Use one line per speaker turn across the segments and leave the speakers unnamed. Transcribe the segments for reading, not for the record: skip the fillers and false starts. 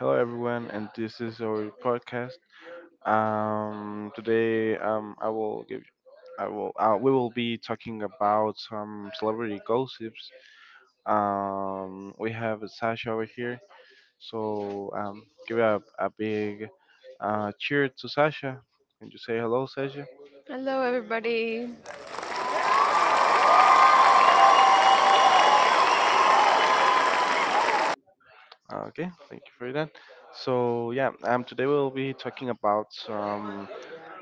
Hello everyone, and this is our podcast. Today, I will give, I will, we will be talking about some celebrity gossips. We have Sasha over here, so give a big cheer to Sasha. Can you say hello, Sasha?
Hello, everybody.
Okay, thank you for that. So yeah, today we'll be talking about some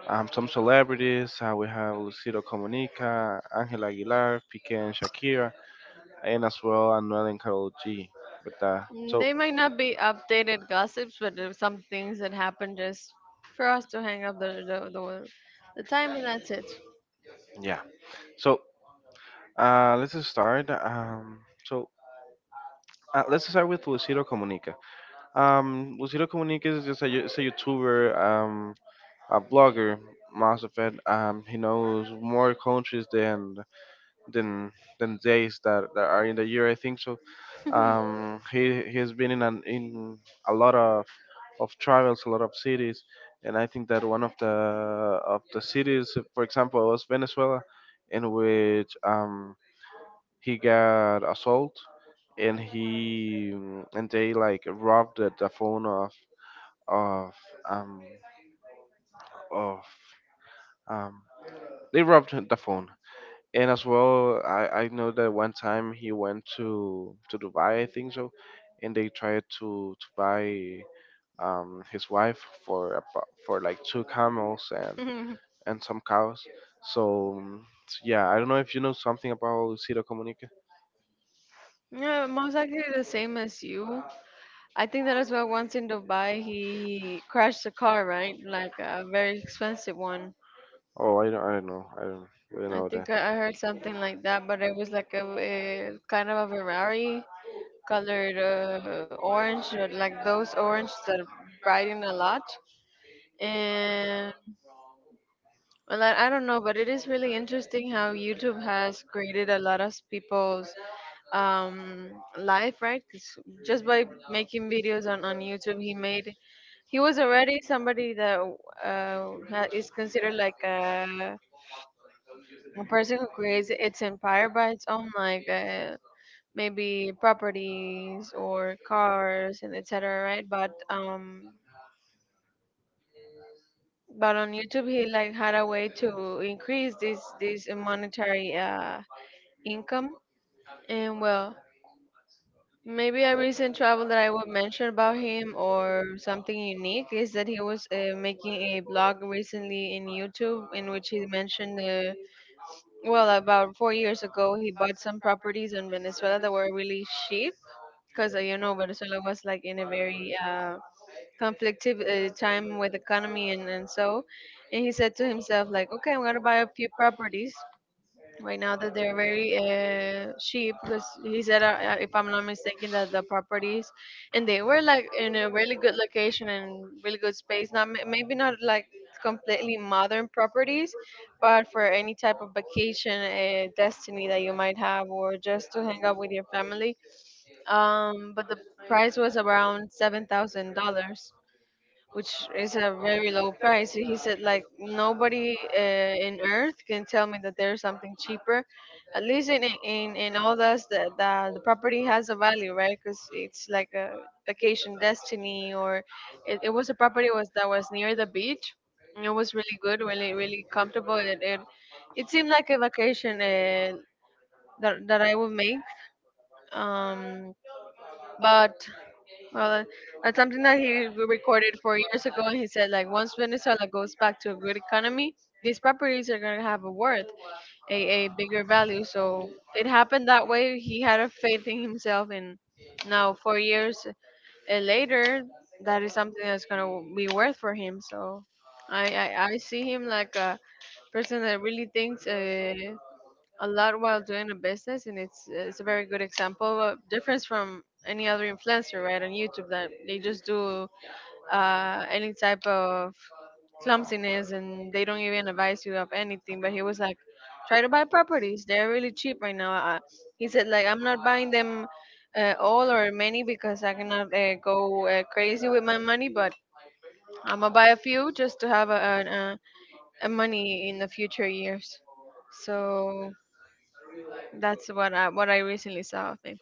um, some celebrities. We have Lucido Comunica, Angela Aguilar, Piqué and Shakira, and as well Anuel and Carol G. But so
They might not be updated gossips, but there's some things that happen just for us to hang up the time, and that's it.
yeah, so let's just start. Let's start with Lucero Comunica. Lucero Comunica is just is a YouTuber, a blogger. Most of it, he knows more countries than than than days that are in the year. I think so. He's been in a lot of travels, a lot of cities, and I think that one of the cities, for example, was Venezuela, in which he got assault, and he and they like robbed the phone of um of um they robbed the phone. And as well, I know that one time he went to Dubai, I think so, and they tried to buy his wife for like two camels and some cows. So, so yeah, I don't know if you know something about Ciro Comunica.
Yeah, most likely the same as you. I think that as well. Once in Dubai, he crashed a car, right? Like a very expensive one.
Oh, I don't know. I don't really
I
know that.
think I heard something like that, but it was like a kind of a Ferrari colored orange, like those orange that brighten a lot and well, I don't know, but it is really interesting how YouTube has created a lot of people's um, life, right? 'Cause just by making videos on YouTube, he was already somebody that is considered like a person who creates its empire by its own, like maybe properties or cars and etc. Right? But on YouTube, he like had a way to increase this monetary income. And well, maybe a recent travel that I would mention about him or something unique is that he was making a blog recently in YouTube in which he mentioned, well, about 4 years ago, he bought some properties in Venezuela that were really cheap because, you know, Venezuela was like in a very conflictive time with economy and so. And he said to himself, like, okay, I'm going to buy a few properties right now that they're very cheap because he said if I'm not mistaken that the properties and they were like in a really good location and really good space, not ma- maybe not like completely modern properties but for any type of vacation destiny that you might have or just to hang out with your family. But the price was around $7,000, which is a very low price. He said like nobody in Earth can tell me that there's something cheaper. At least in all this, the property has a value, right? Because it's like a vacation destiny, or it was a property was that was near the beach. And it was really good, really comfortable. It seemed like a vacation that I would make. Um, but well, that's something that he recorded 4 years ago, and he said like once Venezuela goes back to a good economy, these properties are gonna have a worth, a bigger value. So it happened that way. He had a faith in himself, and now 4 years later, that is something that's gonna be worth for him. So I see him like a person that really thinks. A lot while doing a business, and it's a very good example of difference from any other influencer, right, on YouTube that they just do any type of clumsiness and they don't even advise you of anything. But he was like, try to buy properties; they're really cheap right now. He said like, I'm not buying them. All or many because I cannot go crazy with my money, but I'm gonna buy a few just to have a, a money in the future years. So that's what I recently saw of him.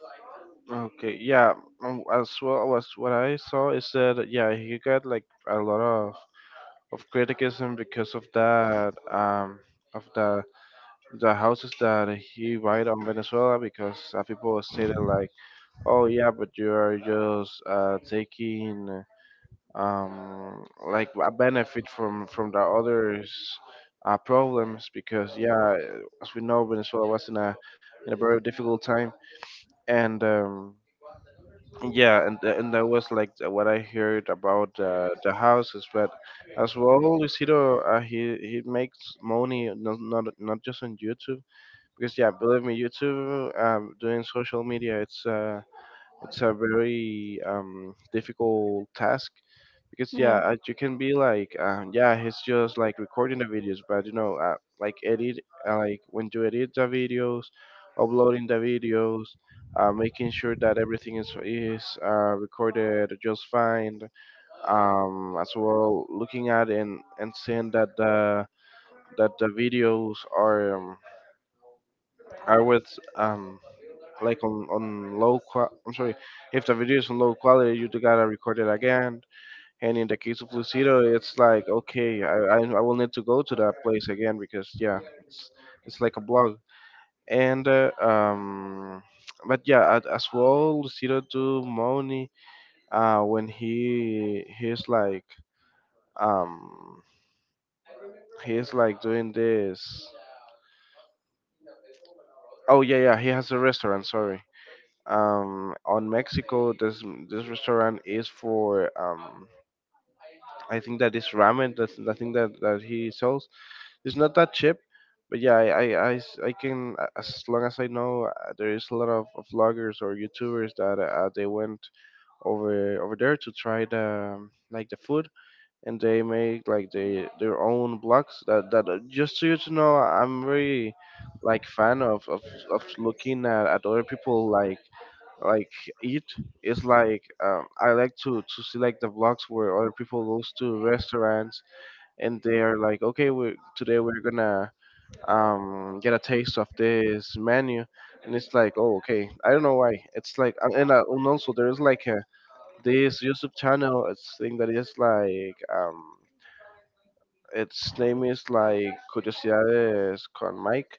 Okay, yeah. As well as what I saw is that yeah, he got like a lot of criticism because of that, of the houses that he write on Venezuela because, people stated like, oh yeah, but you are just taking, like, a benefit from the others problems, because yeah, as we know, Venezuela was in a very difficult time, and yeah, and that was like what I heard about the houses. But as well, Lucido, he makes money not just on YouTube, because yeah, believe me, YouTube, doing social media, it's a very difficult task, because yeah,
Yeah.
you can be like, yeah, he's just like recording the videos, but like edit, like when you edit the videos, uploading the videos, making sure that everything is recorded just fine. As well, looking at and seeing that the videos are, are with, um, like, on I'm sorry, if the video is on low quality, you do gotta record it again. And in the case of Lucido, it's like, okay, I will need to go to that place again, because yeah, it's like a blog. And but yeah, as well, Lucido do Moni, when um he's like doing this. Oh yeah, yeah, he has a restaurant. Sorry, on Mexico, this restaurant is for, I think that this ramen, that's the thing that he sells. It's not that cheap, but yeah, I can as long as I know, there is a lot of vloggers or youtubers that, they went over there to try the like the food, and they make like they their own blogs that, just so you to know, I'm very like fan of looking at other people like eat. It's like, I like to see like the vlogs where other people goes to restaurants, and they are like, okay, we today we're gonna, get a taste of this menu, and it's like, oh, okay, I don't know why. It's like, and also there is like a this YouTube channel, it's thing that is like, its name is like Curiosidades con Mike.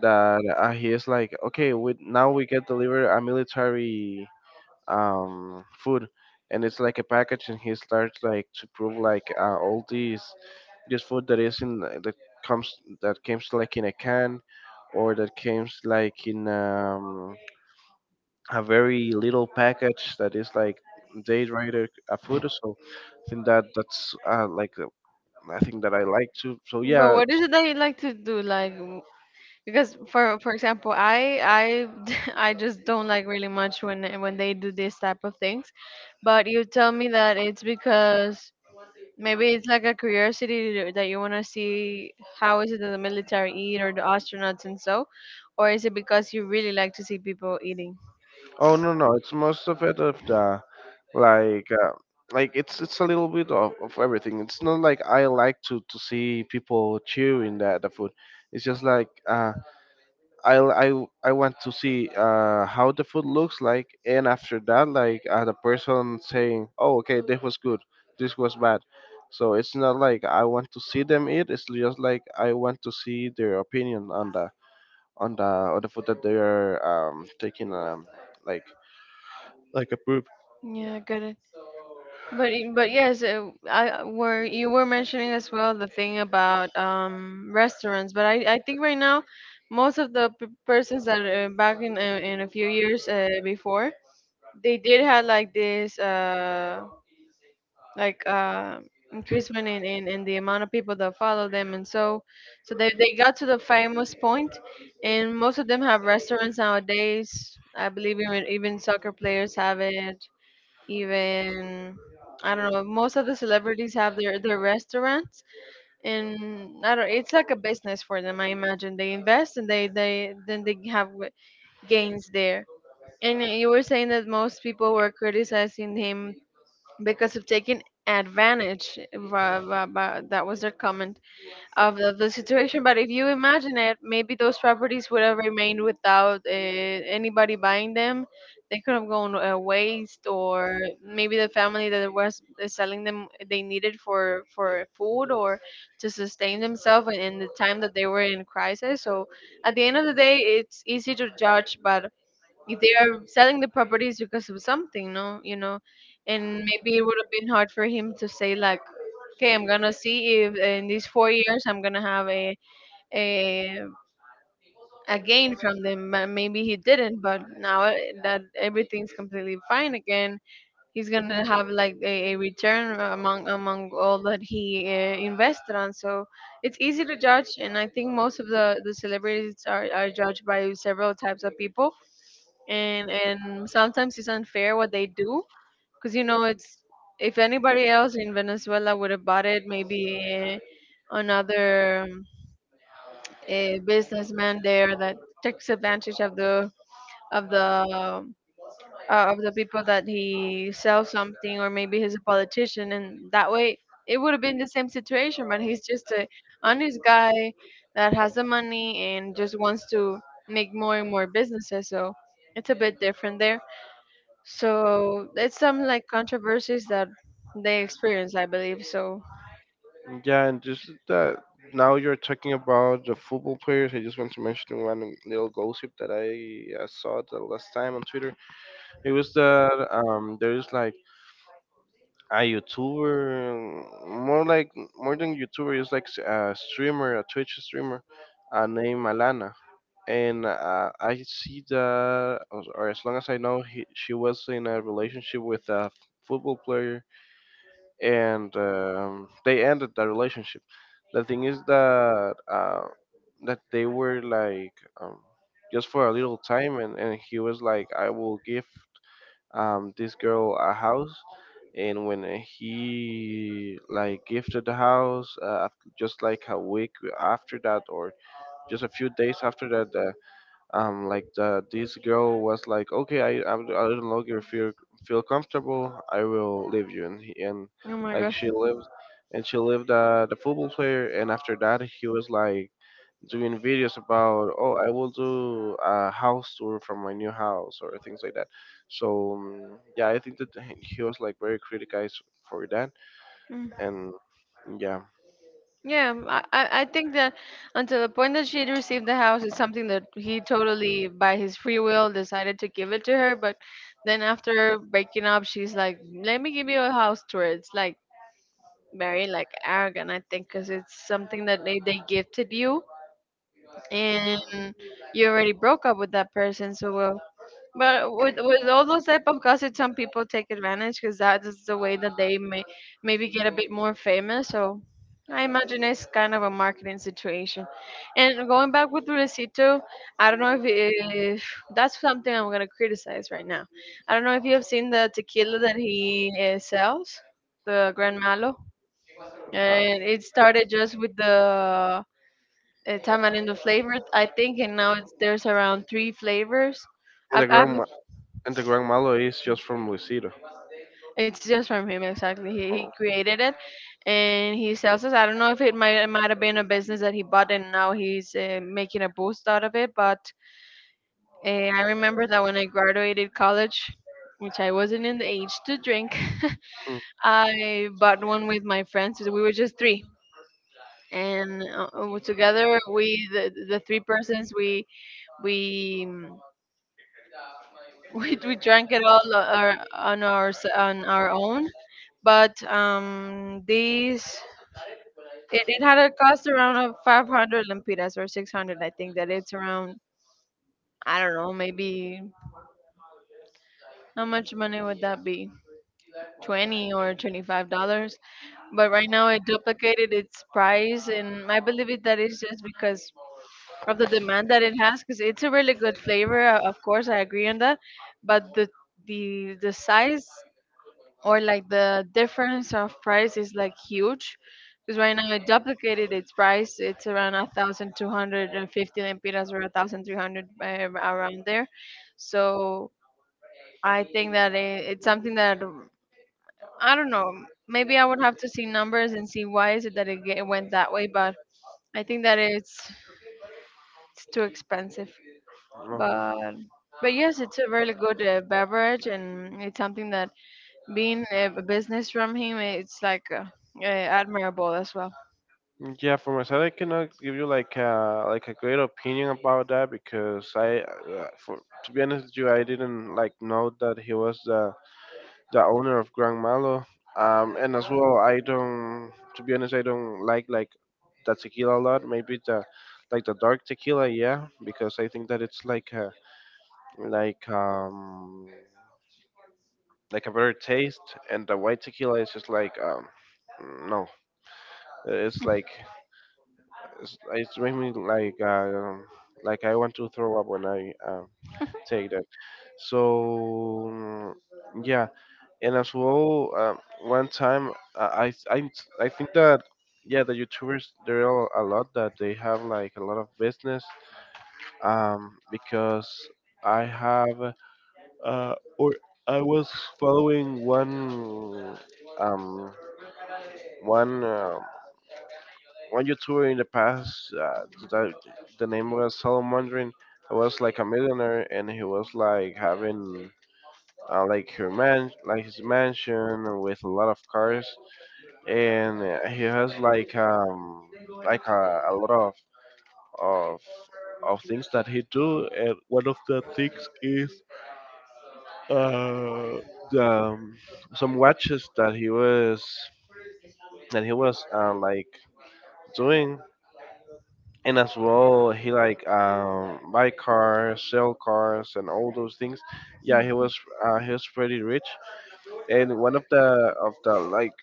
That he is like, okay, we now we get delivered a military, food, and it's like a package, and he starts like to prove like, all these this food that is in comes that comes like in a can, or that comes like in, a very little package that is like day rider, food. So I think that that's, I think that I like to. So
But
yeah.
what is it that you like to do? Because for example, I I just don't like really much when when they do this type of things. But you tell me that it's because maybe it's like a curiosity that you want to see how is it that the military eat or the astronauts and so, or is it because you really like to see people eating?
Oh, no, it's most of it of the, like uh, like it's a little bit of everything. It's not like I like to see people cheering the food. It's just like, I want to see, how the food looks like, and after that, like, the person saying, oh, okay, this was good, this was bad. So it's not like I want to see them eat, it's just like I want to see their opinion on the food that they are, taking, like, a poop.
Yeah, got it. But yes, I were you were mentioning as well the thing about restaurants, but I think right now most of the persons that back in a few years before, they did have like this like increasement in, in the amount of people that follow them and so, so they got to the famous point and most of them have restaurants nowadays. I believe even soccer players have it, even I don't know. Most of the celebrities have their restaurants, and I don't. It's like a business for them. I imagine they invest and they then they have gains there. And you were saying that most people were criticizing him because of taking advantage. That was their comment of the situation. But if you imagine it, maybe those properties would have remained without anybody buying them. They could have gone waste, or maybe the family that was selling them they needed for food or to sustain themselves in the time that they were in crisis. So at the end of the day, it's easy to judge, but if they are selling the properties because of something, no, you know, and maybe it would have been hard for him to say like, okay, I'm gonna see if in these 4 years I'm gonna have a a gain from them. But maybe he didn't, but now that everything's completely fine again, he's gonna have like a return among all that he invested on. So it's easy to judge, and I think most of the celebrities are judged by several types of people, and sometimes it's unfair what they do because you know it's, if anybody else in Venezuela would have bought it, maybe another a businessman there that takes advantage of the of the um, of the people that he sells something, or maybe he's a politician and that way it would have been the same situation, but he's just a honest guy that has the money and just wants to make more and more businesses. So it's a bit different there, so it's some like controversies that they experience, I believe. So
Yeah, and just that, now you're talking about the football players. I just want to mention one little gossip that I, saw the last time on Twitter. It was that, there is like a YouTuber, more like more than YouTuber, is like a streamer, a Twitch streamer, named Alana. And I see that, or as long as I know, she was in a relationship with a football player, and, they ended the relationship. The thing is that, they were like, um, just for a little time, and, he was like, "I will give, this girl a house." And when he like gifted the house, just like a week after that, or just a few days after that, like the this girl was like, okay, I no longer feel comfortable, I will leave you. And
oh my
like
god.
she lived and she lived, the football player, and after that he was like doing videos about, oh, I will do a house tour from my new house, or things like that. So, yeah, I think that he was like very criticized for that.
Mm,
And yeah,
Yeah, I think that until the point that she received the house, it's something that he totally, by his free will, decided to give it to her. But then after breaking up, she's like, "Let me give you a house tour." It's like very like arrogant, I think, because it's something that they gifted you, and you already broke up with that person. So well, but with all those type of gossip, some people take advantage because that is the way that they may maybe get a bit more famous. So I imagine it's kind of a marketing situation. And going back with Luisito, I don't know if that's something I'm gonna criticize right now. I don't know if you have seen the tequila that he sells, the Gran Malo,
uh,
and it started just with the tamarindo flavor, I think, and now there's around 3 flavors.
And
I've,
the
I've
grandma and the grandmother is just from Lucido.
It's just from him, exactly.
Oh.
He created it, and he sells it. I don't know if it might have been a business that he bought, and now he's making a boost out of it. But I remember that when I graduated college, which I wasn't in the age to drink,
Mm.
I bought one with my friends. We were just three, and together we the three persons we. mm, we drank it all on our on our own, but these it, it had a cost around of 500 lempiras or 600, I think that it's around, I don't know, maybe how much money would that be? 20 or $25. But right now it duplicated its price, and I believe it that is just because of the demand that it has, because it's a really good flavor. Of course, I agree on that, but the size or like the difference of price is like huge because right now it duplicated its price, it's around 1250 lempiras or 1300, around there. So I think that it's something that I don't know, maybe I would have to see numbers and see why is it that it went that way. But I think that it's too expensive,
Oh.
but but yes, it's a really good beverage and it's something that being a business from him, it's like uh, admirable as well.
Yeah, for my side, I cannot give you like a great opinion about that, because for to be honest with you, I didn't like know that he was the owner of Grand Malo. And as well, I don't. To be honest, I don't like the tequila a lot. Maybe the, like, the dark tequila, yeah, because I think that it's like, like um like a better taste, and the white tequila is just like, no, it's like, it's making me like, like, I want to throw up when I, take that. So yeah, and as well, one time, uh, I I I think that yeah, the YouTubers, there are a lot that they have like a lot of business, because I have. Or I was following um one uh, one YouTuber in the past. That the name was Salamandrin. He was like a millionaire, and he was like having, like her man like his mansion with a lot of cars, and he has like, like a lot of of things that he do, and one of the things is, uh, the, um, some watches that he was that he was, like, doing, and as well he like, buy cars, sell cars, and all those things. Yeah, he was pretty rich, and one of the, like,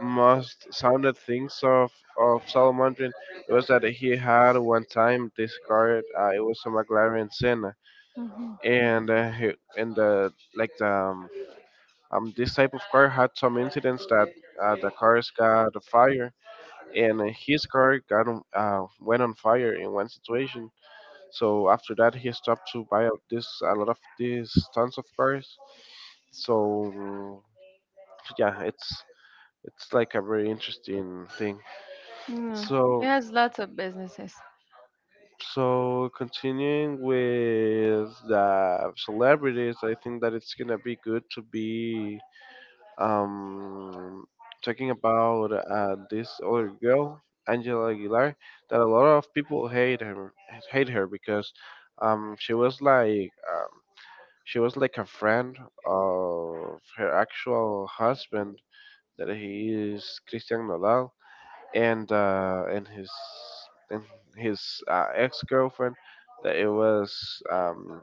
most sounded things of Salamandrin was that he had one time this car. It was a McLaren Senna,
Mhm.
and he, and the this type of car had some incidents that, the cars got a fire, and his car went on fire in one situation. So after that, he stopped to buy a- this a lot of these tons of cars. So yeah, it's like a very interesting thing.
Yeah. He
So,
has lots of businesses.
so continuing with the celebrities, I think that it's gonna be good to be, um, talking about, this other girl, Angela Aguilar, that a lot of people hate her because, she was like, she was like a friend of her actual husband, that he is Christian Nodal, and and his, ex girlfriend, that it was,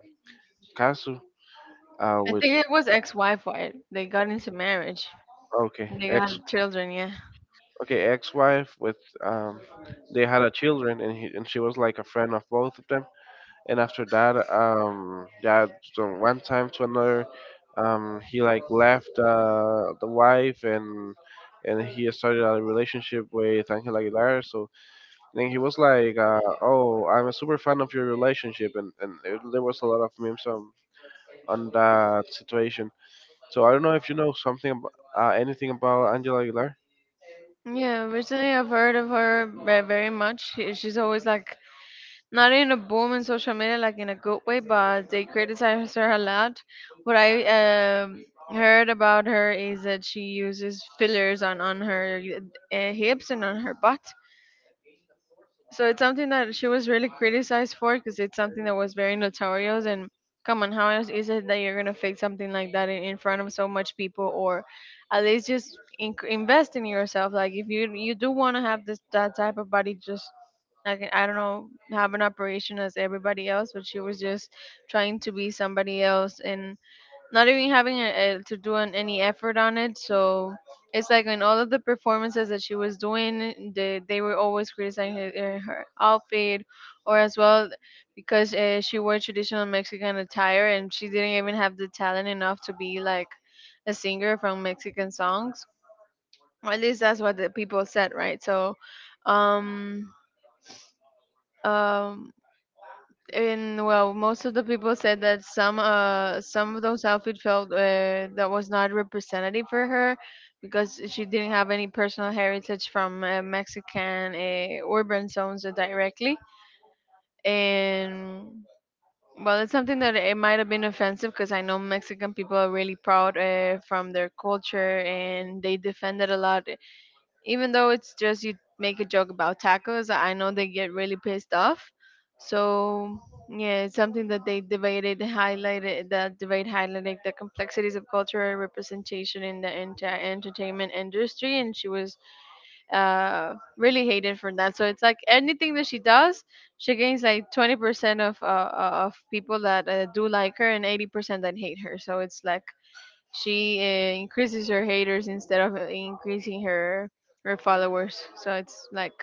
Kazu,
I
which
think it was ex-wife, right? They got into marriage.
okay,
They got
ex.
children, yeah.
Okay, ex-wife with um they had a children, and he and she was like a friend of both of them. And after that, yeah, from one time to another, he like left the wife, and he started a relationship with Angel Aguilar. So then he was like, oh, I'm a super fan of your relationship. There was a lot of memes on that situation. So I don't know if you know something about anything about Angela Aguilar.
Yeah, recently I've heard of her very much. She's always like not in a boom in social media, like in a good way, but they criticize her a lot. What I heard about her is that she uses fillers on her hips and on her butt. So it's something that she was really criticized for, because it's something that was very notorious. And come on, how else is it that you're gonna fake something like that in front of so much people, or at least just in, invest in yourself? Like if you do want to have this that type of body, just like I don't know, have an operation as everybody else. But she was just trying to be somebody else and not even having to do an, any effort on it. So it's like in all of the performances that she was doing, they were always criticizing her, her outfit, or as well because she wore traditional Mexican attire and she didn't even have the talent enough to be like a singer from Mexican songs. Or at least that's what the people said, right? So, um, um, and well, most of the people said that some of those outfits felt that was not representative for her because she didn't have any personal heritage from Mexican urban zones directly. And well, it's something that it might have been offensive because I know Mexican people are really proud from their culture and they defend it a lot. Even though it's just you make a joke about tacos, I know they get really pissed off. So yeah, it's something that they debated, highlighted the debate highlighted the complexities of cultural representation in the entire entertainment industry, and she was really hated for that. So it's like anything that she does, she gains like 20% of people that do like her and 80% that hate her. So it's like she increases her haters instead of increasing her followers. So it's like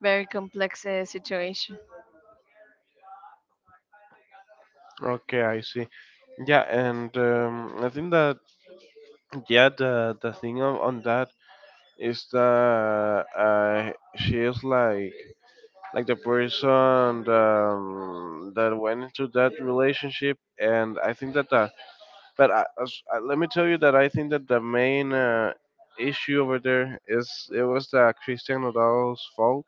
very complex situation.
Okay, I see. Yeah, and I think that yeah, the thing on that is that she is like the person that went into that relationship. And I think that the but I, as- let me tell you that I think that the main issue over there is it was the Christian Nadal's fault,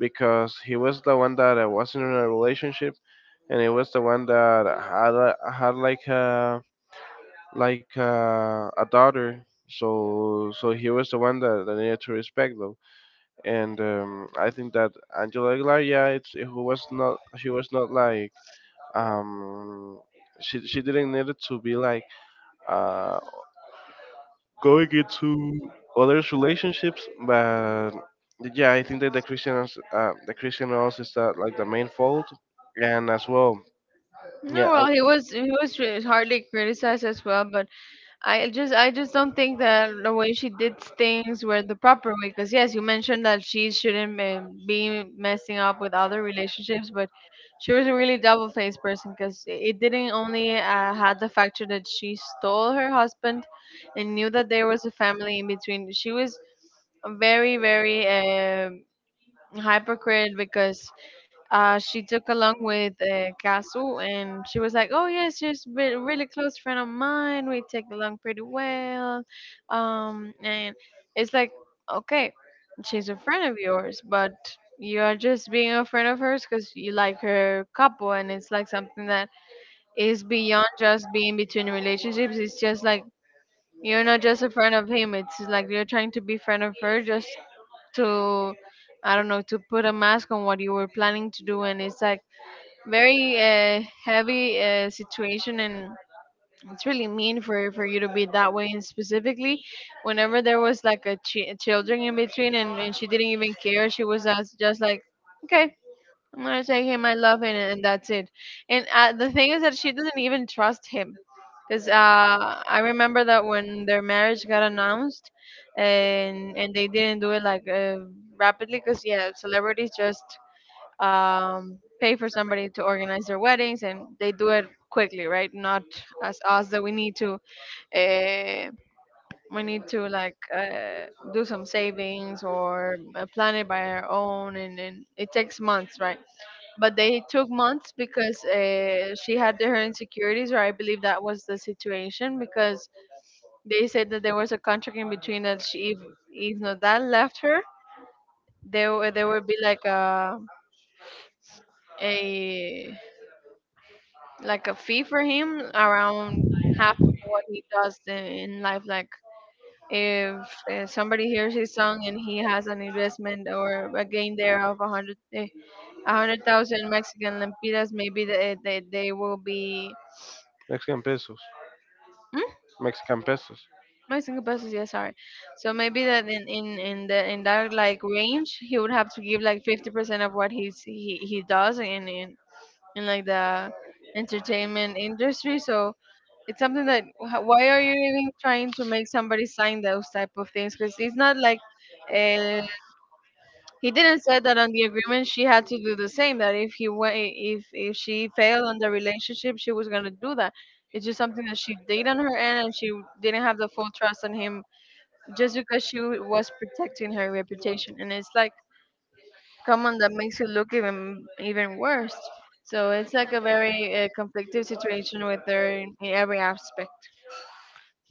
because he was the one that wasn't in a relationship, and he was the one that had like a daughter. So he was the one that, that needed to respect them. And I think that Angela Aguilar, yeah, it's who was not, she was not like um she didn't need it to be like uh going into others relationships. But yeah, I think that the Christian also is that like the main fault, and as well, yeah,
No, well, he was hardly criticized as well. But I just don't think that the way she did things were the proper way. Because yes, you mentioned that she shouldn't be messing up with other relationships, but she was a really double-faced person. Because it didn't only had the factor that she stole her husband, and knew that there was a family in between. She was very hypocrite because she took along with Kasu and she was like, "Oh yes, she's a really close friend of mine. We take along pretty well." And it's like, okay, she's a friend of yours, but you are just being a friend of hers because you like her couple, and it's like something that is beyond just being between relationships. It's just like you're not just a friend of him. It's like you're trying to be friend of her just to, I don't know, to put a mask on what you were planning to do. And it's like very heavy situation, and it's really mean for you to be that way, and specifically whenever there was like a children in between. And she didn't even care. She was just like, okay, I'm gonna take him. I love him, and that's it. And the thing is that she doesn't even trust him, because I remember that when their marriage got announced, and they didn't do it like rapidly, because yeah, celebrities just pay for somebody to organize their weddings, and they do it quickly, right? Not as us that we need to. Uh, we need to like do some savings or plan it by our own, and it takes months, right? But they took months because she had her insecurities, or I believe that was the situation. Because they said that there was a contract in between that if Nodal left her there, there would be like a like a fee for him around half of what he does in life. Like if somebody hears his song and he has an investment or a gain there of a hundred thousand Mexican lempiras, maybe they will be
Mexican pesos,
hmm?
Mexican pesos.
My single pesos, yeah, sorry. So maybe that in that like range, he would have to give like 50% of what he does in like the entertainment industry. So it's something that why are you even trying to make somebody sign those type of things? Because it's not like uh, he didn't say that on the agreement she had to do the same. That if if if she failed on the relationship, she was gonna do that. It's just something that she did on her end, and she didn't have the full trust on him, just because she was protecting her reputation. And it's like come on, that makes you look even worse. So it's like a very conflictive situation with her in every aspect.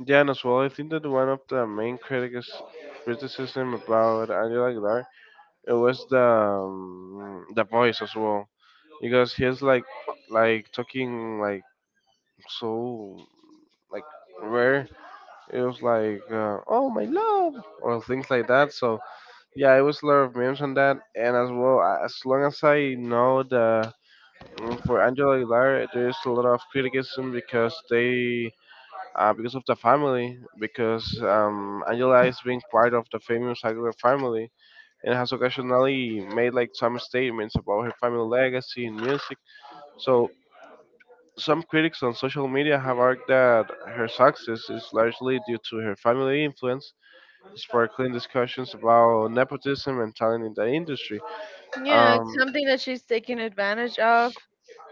Yeah, and as well, I think that one of the main critics criticism about Angela Aguilar, it was the, the voice as well, because he's like talking like so like rare. It was like, oh my love, or things like that. So yeah, it was a lot of memes on that. And as well, as long as I know, for Angela Aguilar, there is a lot of criticism because they, because of the family, because um, Angela is being part of the famous Aguilar family, and has occasionally made like some statements about her family legacy in music. So some critics on social media have argued that her success is largely due to her family influence, sparkling discussions about nepotism and talent in the industry.
Yeah, it's
Um,
something that she's taking advantage of.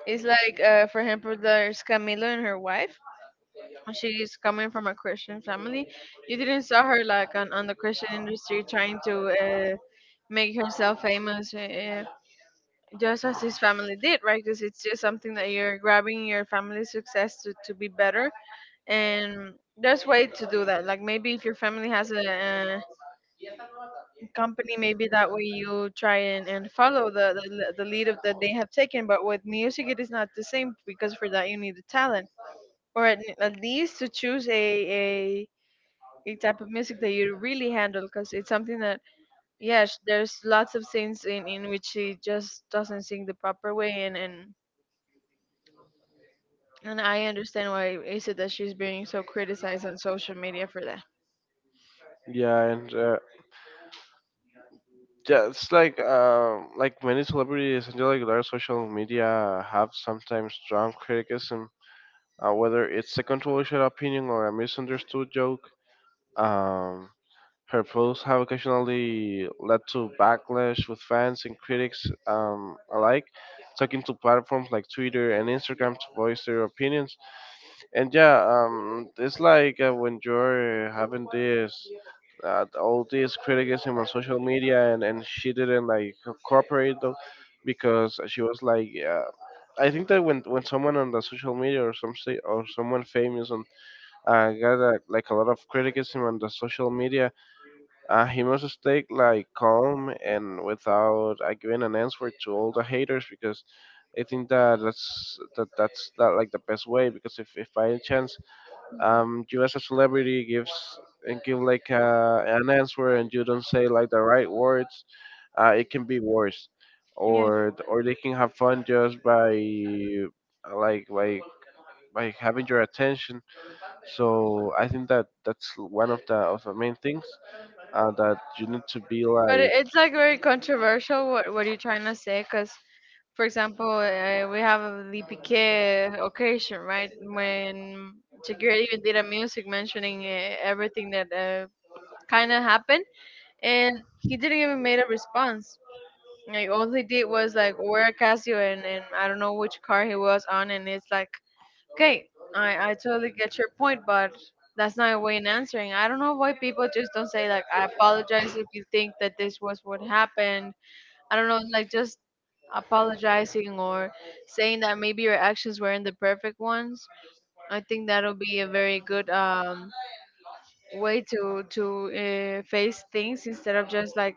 It's like for example, there's Camilo and her wife. She's coming from a Christian family. You didn't saw her like on the Christian industry trying to make herself famous, just as his family did, right? Because it's just something that you're grabbing your family's success to be better. And there's way to do that. Like maybe if your family has a, company, maybe that way you try and follow the, the lead of that they have taken. But with music, it is not the same, because for that you need a talent, or at least to choose a type of music that you really handle, because it's something that yes, there's lots of things in which he just doesn't sing the proper way, and I understand why is it that she's being so criticized on social media for that.
yeah, and yeah, it's like many celebrities and like their social media have sometimes strong criticism, whether it's a controversial opinion or a misunderstood joke. Um, Her posts have occasionally led to backlash with fans and critics alike, taking to platforms like Twitter and Instagram to voice their opinions. And yeah, it's like when you're having this all this criticism on social media, and she didn't like cooperate though, because she was like, I think that when someone on the social media or some say, or someone famous, and got a, like a lot of criticism on the social media, he must stay like calm and without giving an answer to all the haters, because I think that that's that that's that like the best way. Because if by any chance you as a celebrity give like an answer, and you don't say like the right words, it can be worse,
Yeah,
or they can have fun just by uh, like by by having your attention. So I think that that's one of the main things that you need to be
but
like
it's like very controversial. What are you trying to say? Because, for example, we have the Piqué occasion, right? When Shakira even did a music mentioning everything that kind of happened, and he didn't even made a response. Like all he did was like wear a Casio and I don't know which car he was on, and it's like okay, I totally get your point, but that's not a way in answering. I don't know why people just don't say like, I apologize if you think that this was what happened. I don't know, like just apologizing, or saying that maybe your actions weren't the perfect ones. I think that'll be a very good way to face things instead of just like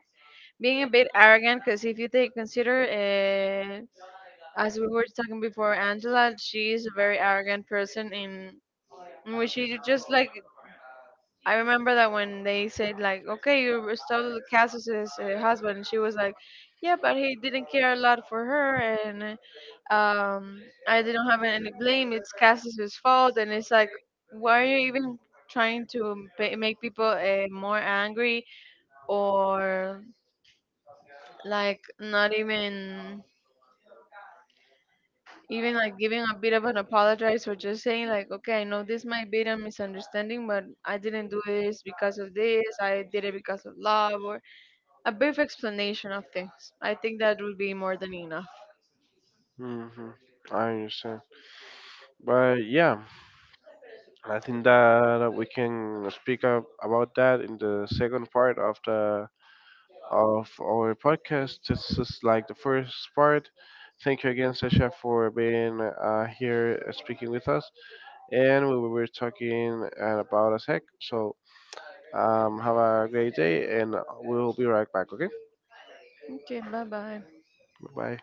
being a bit arrogant. Because if you take consider as we were talking before, Angela, she's a very arrogant person in which you just like, I remember that when they said like, okay, you restored Cass's husband, she was like, yeah, but he didn't care a lot for her, and I didn't have any blame. It's Cass's fault. And it's like, why are you even trying to make people more angry, or like not even? Even like giving a bit of an apologize, for just saying like, okay, I know this might be a misunderstanding, but I didn't do this because of this. I did it because of love, or a brief explanation of things. I think that would be more than enough.
hmm I understand. But yeah, I think that we can speak up about that in the second part of the of our podcast. This is like the first part. Thank you again, Sasha, for being here speaking with us. And we were talking about a sec. So have a great day, and we'll be right back. Okay,
Okay, bye bye.
bye.